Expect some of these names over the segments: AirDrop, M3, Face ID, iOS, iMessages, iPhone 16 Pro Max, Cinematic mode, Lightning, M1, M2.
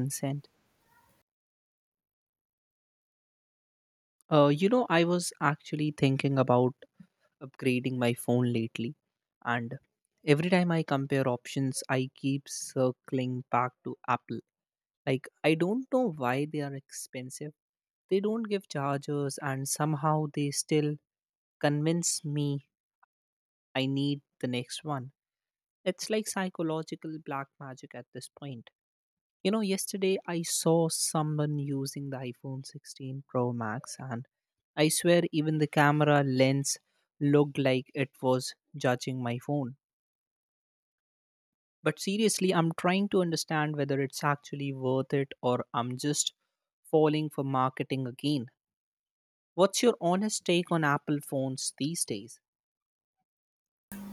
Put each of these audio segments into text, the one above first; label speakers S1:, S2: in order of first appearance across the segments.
S1: Consent. I was actually thinking about upgrading my phone lately, and every time I compare options, I keep circling back to Apple. Like, I don't know why they are expensive. They don't give chargers, and somehow they still convince me I need the next one. It's like psychological black magic at this point. Yesterday I saw someone using the iPhone 16 Pro Max, and I swear even the camera lens looked like it was judging my phone. But seriously, I'm trying to understand whether it's actually worth it or I'm just falling for marketing again. What's your honest take on Apple phones these days?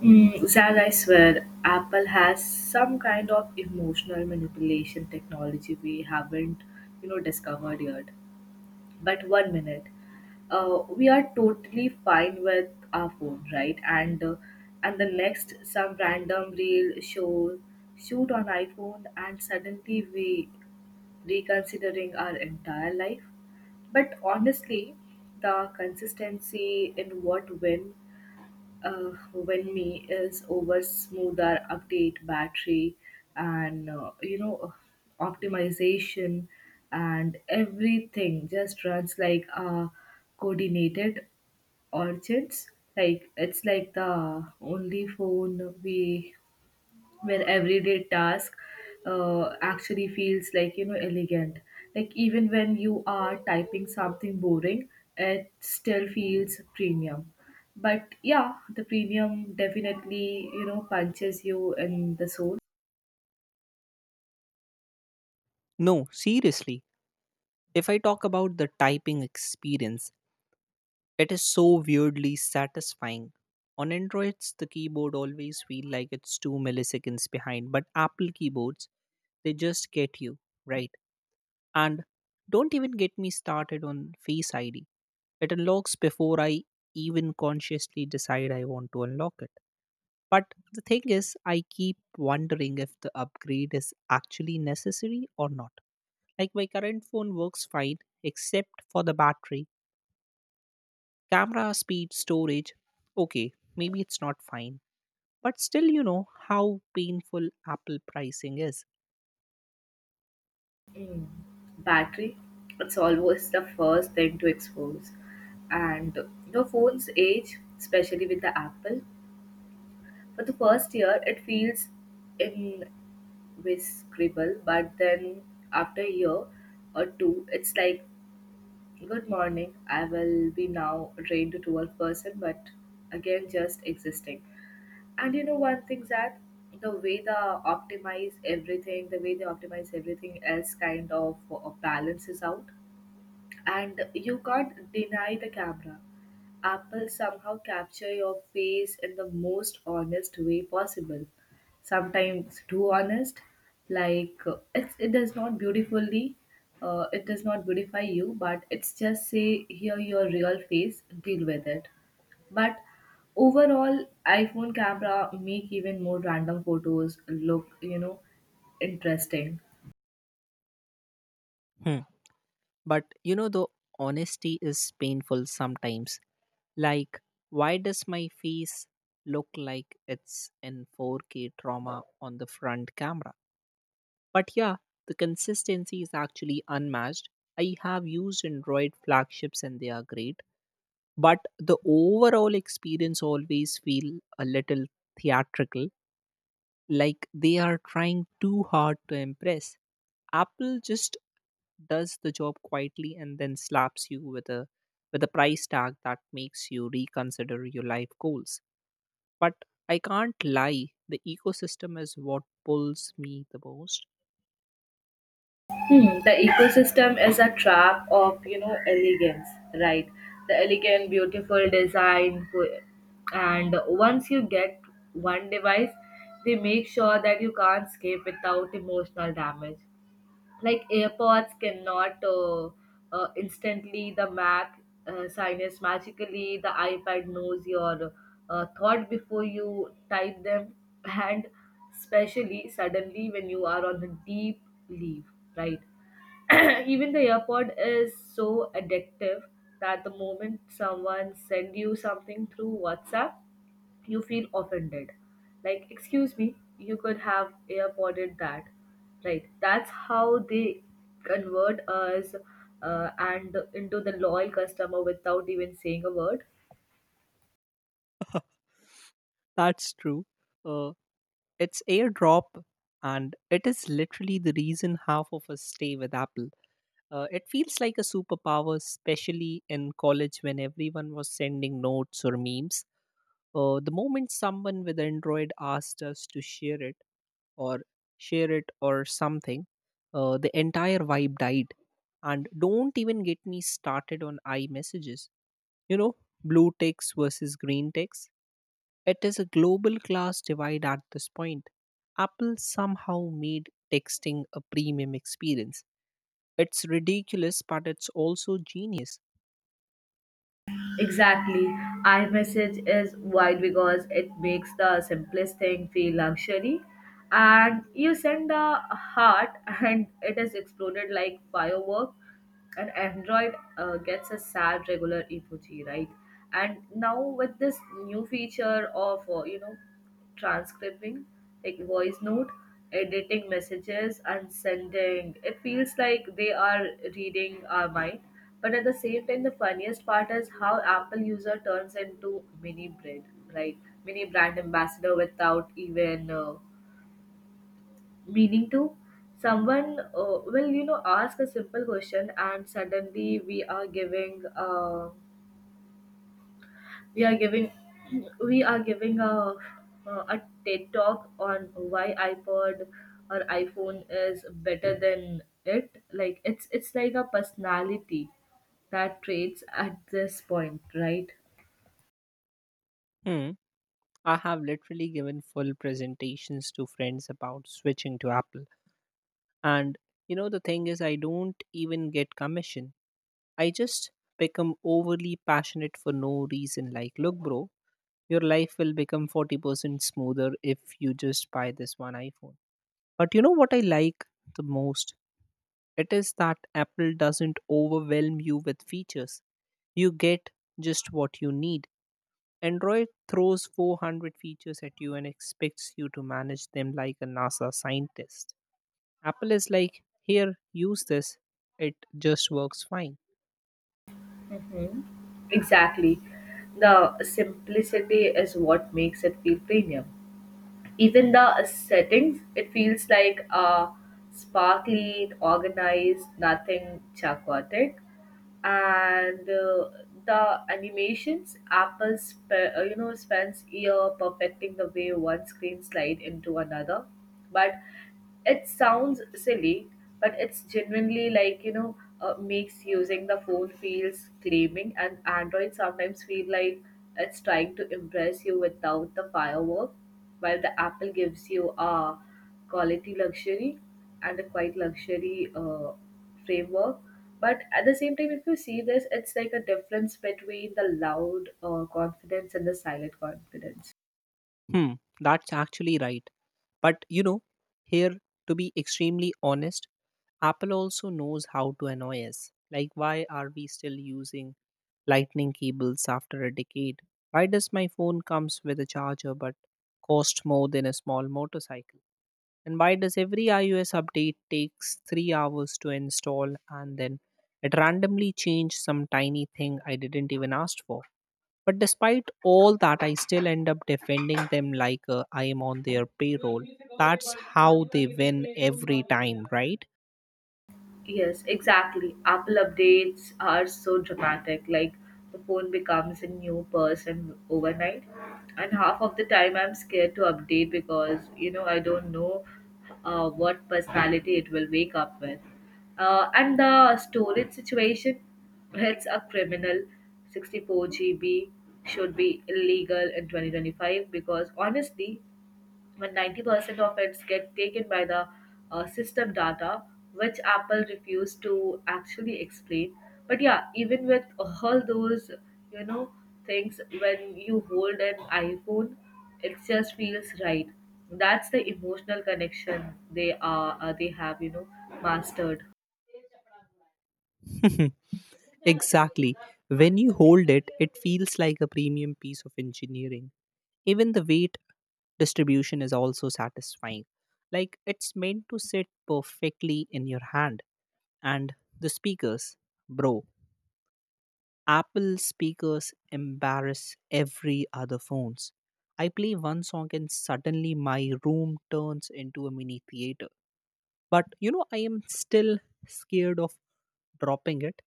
S2: Zach, I swear, Apple has some kind of emotional manipulation technology we haven't, discovered yet. But one minute, we are totally fine with our phone, right? And the next, some random reel show shoot on iPhone, and suddenly we reconsidering our entire life. But honestly, the consistency in what when me is over smoother update battery and optimization, and everything just runs like a coordinated orchids, like it's like the only phone we where everyday task actually feels like elegant, like even when you are typing something boring, it still feels premium. But yeah, the premium definitely punches you in the soul.
S1: No, seriously. If I talk about the typing experience, it is so weirdly satisfying. On Androids, the keyboard always feel like it's 2 milliseconds behind, but Apple keyboards, they just get you, right? And don't even get me started on Face ID. It unlocks before I even consciously decide I want to unlock it. But the thing is, I keep wondering if the upgrade is actually necessary or not. Like my current phone works fine except for the battery, camera speed, storage, okay, maybe it's not fine. But still, you know how painful Apple pricing is.
S2: Mm. Battery, it's always the first thing to expose and the phone's age, especially with the Apple. For the first year, it feels invincible, but then after a year or two, it's like, good morning, I will be now a trained to a person, but again, just existing. And you know, one thing, that the way they optimize everything, the way they optimize everything else kind of balances out, and you can't deny the camera. Apple somehow capture your face in the most honest way possible. Sometimes too honest, like it's, it does not beautifully, it does not beautify you, but it's just say here your real face, deal with it. But overall, iPhone camera make even more random photos look, interesting.
S1: Hmm. But the honesty is painful sometimes. Like, why does my face look like it's in 4K trauma on the front camera? But yeah, the consistency is actually unmatched. I have used Android flagships and they are great, but the overall experience always feel a little theatrical, like they are trying too hard to impress. Apple just does the job quietly and then slaps you with a price tag that makes you reconsider your life goals. But I can't lie, the ecosystem is what pulls me the most.
S2: Hmm, the ecosystem is a trap of elegance, right? The elegant, beautiful design, and once you get one device, they make sure that you can't escape without emotional damage. Like AirPods cannot instantly the Mac sinus magically, the iPad knows your thought before you type them, and especially suddenly when you are on the deep leave, right? Even the earpod is so addictive that the moment someone send you something through WhatsApp, you feel offended. Like, excuse me, you could have earpodded that. Right. That's how they convert us and into the loyal customer without even saying a word.
S1: That's true. Uh, it's airdrop, and it is literally the reason half of us stay with Apple. It feels like a superpower, especially in college when everyone was sending notes or memes. The moment someone with Android asked us to or share it or something, the entire vibe died. And don't even get me started on iMessages. You know, Blue ticks versus green ticks. It is a global class divide at this point. Apple somehow made texting a premium experience. It's ridiculous, but it's also genius.
S2: Exactly. iMessage is wide because it makes the simplest thing feel luxury. And you send a heart and it is exploded like firework. And Android gets a sad regular emoji, right? And now with this new feature of transcribing, like voice note, editing messages and sending. It feels like they are reading our mind. But at the same time, the funniest part is how Apple user turns into mini brand, like mini brand ambassador without even meaning to. Someone will, ask a simple question, and suddenly we are giving. We are giving we are giving a TED talk on why iPod or iPhone is better than it. Like it's like a personality that traits at this point, right?
S1: Hmm. I have literally given full presentations to friends about switching to Apple. And the thing is, I don't even get commission. I just become overly passionate for no reason. Like, look, bro, your life will become 40% smoother if you just buy this one iPhone. But you know what I like the most? It is that Apple doesn't overwhelm you with features. You get just what you need. Android throws 400 features at you and expects you to manage them like a NASA scientist. Apple is like, here, use this. It just works fine.
S2: hmm Exactly. The simplicity is what makes it feel premium. Even the settings, it feels like sparkly organized, nothing chaotic. And the animations, Apple spends year perfecting the way one screen slide into another. But it sounds silly, but it's genuinely like, makes using the phone feels claiming, and Android sometimes feel like it's trying to impress you without the firework, while the Apple gives you a quality luxury and a quite luxury framework. But at the same time, if you see this, it's like a difference between the loud confidence and the silent confidence.
S1: Hmm, that's actually right. But here, to be extremely honest, Apple also knows how to annoy us. Like, why are we still using lightning cables after a decade? Why does my phone comes with a charger but cost more than a small motorcycle? And why does every iOS update takes 3 hours to install and then it randomly changed some tiny thing I didn't even ask for? But despite all that, I still end up defending them like I am on their payroll. That's how they win every time, right?
S2: Yes, exactly. Apple updates are so dramatic. Like the phone becomes a new person overnight. And half of the time I'm scared to update because I don't know what personality it will wake up with. And the storage situation, it's a criminal. 64 GB should be illegal in 2025 because honestly, when 90% of it get taken by the system data which Apple refused to actually explain. But yeah, even with all those you know things, when you hold an iPhone, it just feels right. That's the emotional connection they have mastered.
S1: Exactly. When you hold it, it feels like a premium piece of engineering. Even the weight distribution is also satisfying. Like it's meant to sit perfectly in your hand. And the speakers, bro, Apple speakers embarrass every other phones. I play one song and suddenly my room turns into a mini theater. But I am still scared of dropping it.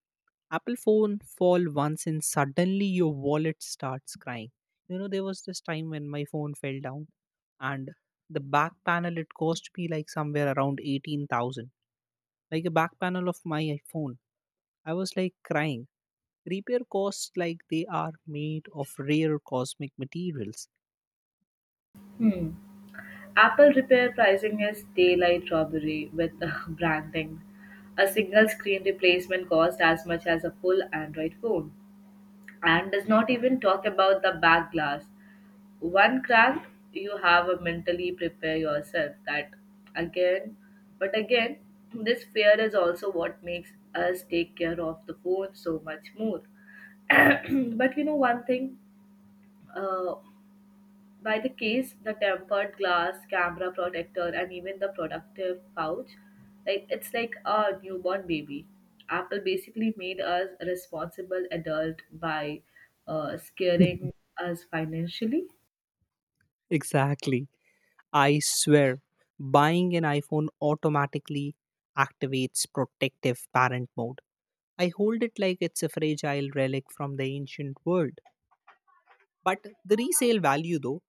S1: Apple phone fall once and suddenly your wallet starts crying. There was this time when my phone fell down and the back panel it cost me like somewhere around 18,000. Like a back panel of my iPhone I was like crying. Repair costs like they are made of rare cosmic materials.
S2: hmm. Apple repair pricing is daylight robbery with branding. A single screen replacement costs as much as a full Android phone, and does not even talk about the back glass. One crack, you have a mentally prepare yourself that again, but again, this fear is also what makes us take care of the phone so much more. But you know one thing, uh, by the case, the tempered glass, camera protector, and even the productive pouch, like it's like a newborn baby. Apple basically made us a responsible adult by scaring us financially.
S1: Exactly. I swear, buying an iPhone automatically activates protective parent mode. I hold it like it's a fragile relic from the ancient world. But the resale value, though,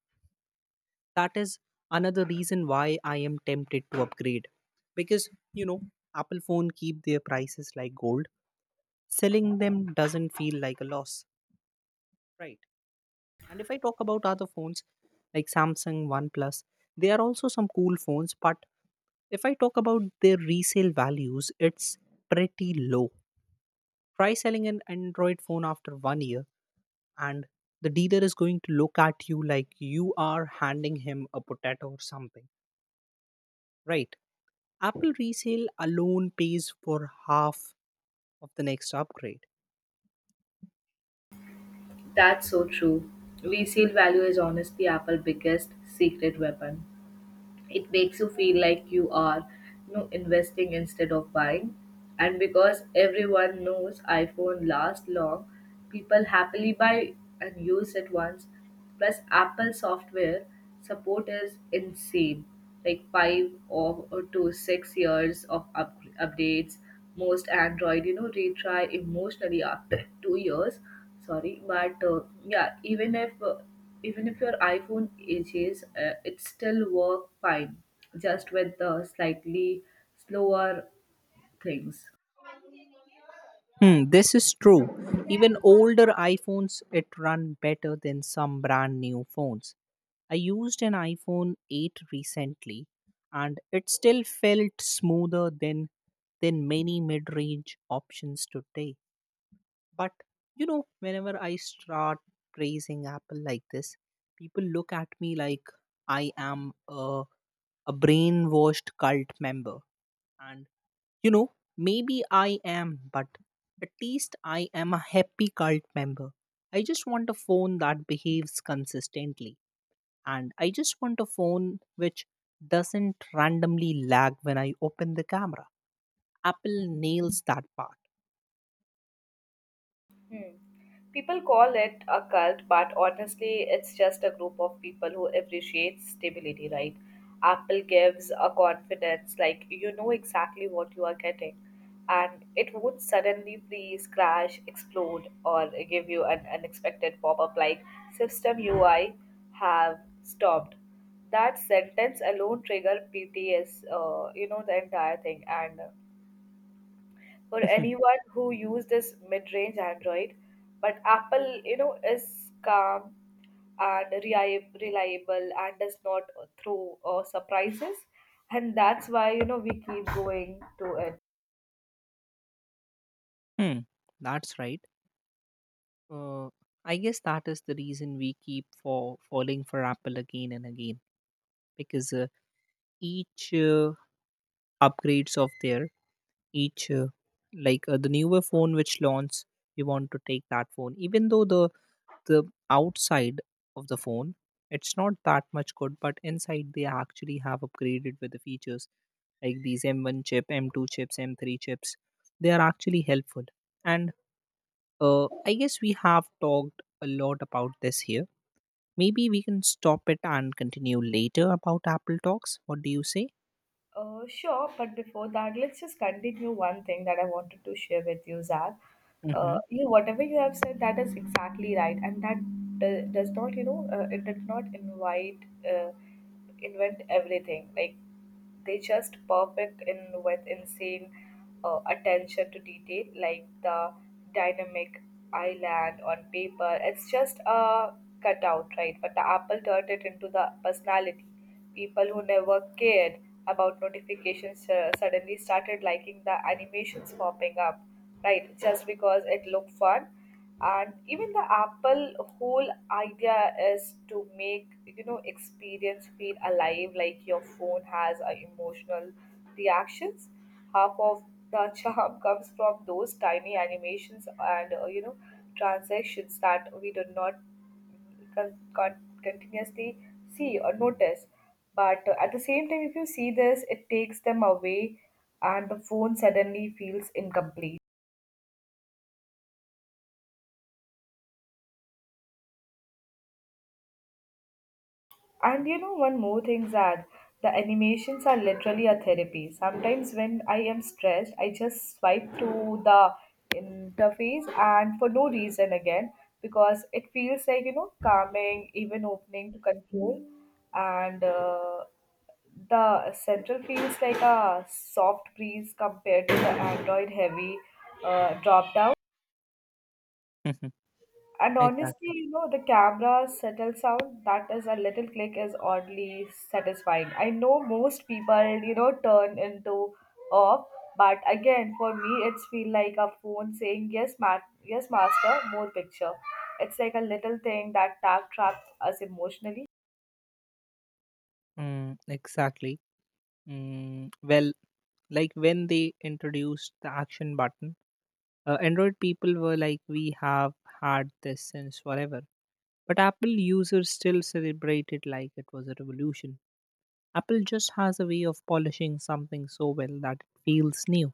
S1: that is another reason why I am tempted to upgrade. Because, you know, Apple phone keep their prices like gold. Selling them doesn't feel like a loss. Right. And if I talk about other phones like Samsung, OnePlus, they are also some cool phones, but if I talk about their resale values, it's pretty low. Try selling an Android phone after one year, and the dealer is going to look at you like you are handing him a potato or something. Right. Apple resale alone pays for half of the next upgrade.
S2: That's so true. Resale value is honestly Apple's biggest secret weapon. It makes you feel like you are investing instead of buying. And because everyone knows iPhone lasts long, people happily buy and use it once. Plus Apple software support is insane, like 5 or to 6 years of updates. Most Android retry emotionally after 2 years. Sorry, but yeah, even if your iPhone ages, it still work fine, just with the slightly slower things.
S1: Hmm, this is true. Even older iPhones it run better than some brand new phones. I used an iPhone 8 recently and it still felt smoother than many mid-range options today. But whenever I start praising Apple like this, people look at me like I am a brainwashed cult member, and maybe I am, but at least I am a happy cult member. I just want a phone that behaves consistently, and I just want a phone which doesn't randomly lag when I open the camera. Apple nails that part.
S2: Hmm. People call it a cult, but honestly, it's just a group of people who appreciate stability, right? Apple gives a confidence, like you know exactly what you are getting, and it would suddenly freeze, crash, explode, or give you an unexpected pop up like system UI have stopped. That sentence alone trigger PTS, the entire thing, and for anyone who used this mid-range Android. But Apple, is calm and reliable, and does not throw surprises, and that's why we keep going to it.
S1: Hmm, that's right. Uh, I guess that is the reason we keep for falling for Apple again and again because each upgrades of their each like the newer phone which launch we want to take that phone even though the outside of the phone it's not that much good, but inside they actually have upgraded with the features like these M1 chip M2 chips M3 chips. They are actually helpful, and I guess we have talked a lot about this here. Maybe we can stop it and continue later about Apple talks. What do you say?
S2: Sure, but before that, let's just continue one thing that I wanted to share with you, Zach. Uh,
S1: Mm-hmm.
S2: you know, whatever you have said, that is exactly right, and that does not, it did not uh, invent everything. Like they just perfect in with insane attention to detail, like the dynamic island on paper. It's just a cutout, right? But the Apple turned it into the personality. People who never cared about notifications suddenly started liking the animations popping up, right? Just because it looked fun. And even the Apple whole idea is to make experience feel alive, like your phone has emotional reactions. Half of the charm comes from those tiny animations and transactions that we do not con- con- continuously see or notice. But at the same time, if you see this, it takes them away, and the phone suddenly feels incomplete. And you know, one more thing, Zad, the animations are literally a therapy. Sometimes when I am stressed, I just swipe to the interface and for no reason again because it feels like calming, even opening to control, and the central feels like a soft breeze compared to the Android heavy drop down.
S1: Mm-hmm.
S2: And honestly,
S1: Exactly.
S2: the camera settle sound, that is a little click, is oddly satisfying. I know most people turn into off, but again, for me, it's feel like a phone saying yes master, more picture. It's like a little thing that tap traps us emotionally.
S1: Mm, exactly. Well, like when they introduced the action button, Android people were like we have had this since forever, but Apple users still celebrate it like it was a revolution. Apple just has a way of polishing something so well that it feels new,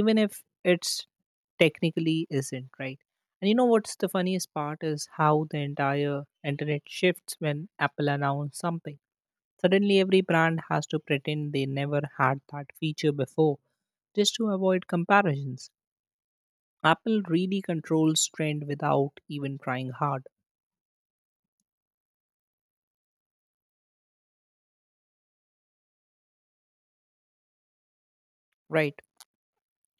S1: even if it's technically isn't right. And you know what's the funniest part is how the entire internet shifts when Apple announced something. Suddenly, every brand has to pretend they never had that feature before just to avoid comparisons. Apple really controls trend without even trying hard, right?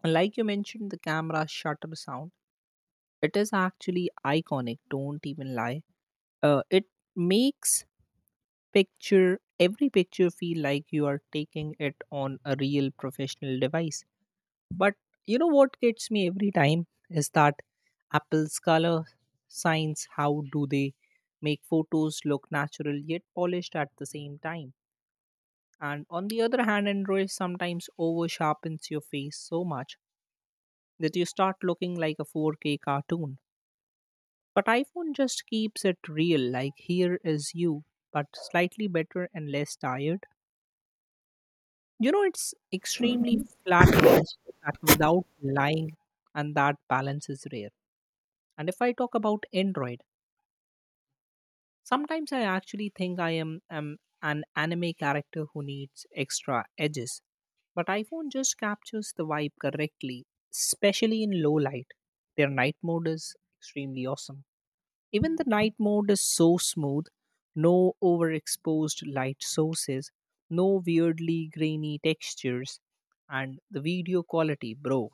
S1: And like you mentioned, the camera shutter sound, it is actually iconic, don't even lie. It makes picture every picture feel like you are taking it on a real professional device. But you know what gets me every time is that Apple's color science, how do they make photos look natural yet polished at the same time? And on the other hand, Android sometimes over sharpens your face so much that you start looking like a 4K cartoon. But iPhone just keeps it real, like here is you, but slightly better and less tired. It's extremely flattering that without lying, and that balance is rare. And if I talk about Android, sometimes I actually think I am an anime character who needs extra edges. But iPhone just captures the vibe correctly, especially in low light. Their night mode is extremely awesome. Even the night mode is so smooth, no overexposed light sources, no weirdly grainy textures, and the video quality, bro.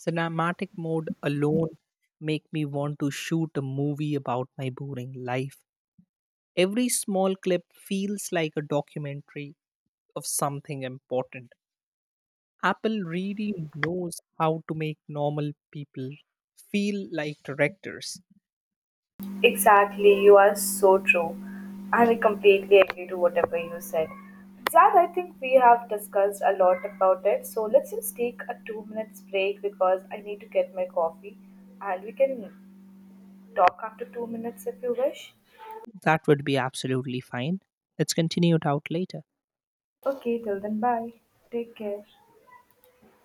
S1: Cinematic mode alone make me want to shoot a movie about my boring life. Every small clip feels like a documentary of something important. Apple really knows how to make normal people feel like directors.
S2: Exactly, you are so true. And I completely agree to whatever you said. Zad, I think we have discussed a lot about it. So let's just take a 2 minutes break because I need to get my coffee. And we can talk after 2 minutes if you wish.
S1: That would be absolutely fine. Let's continue it out later.
S2: Okay, till then, bye. Take care.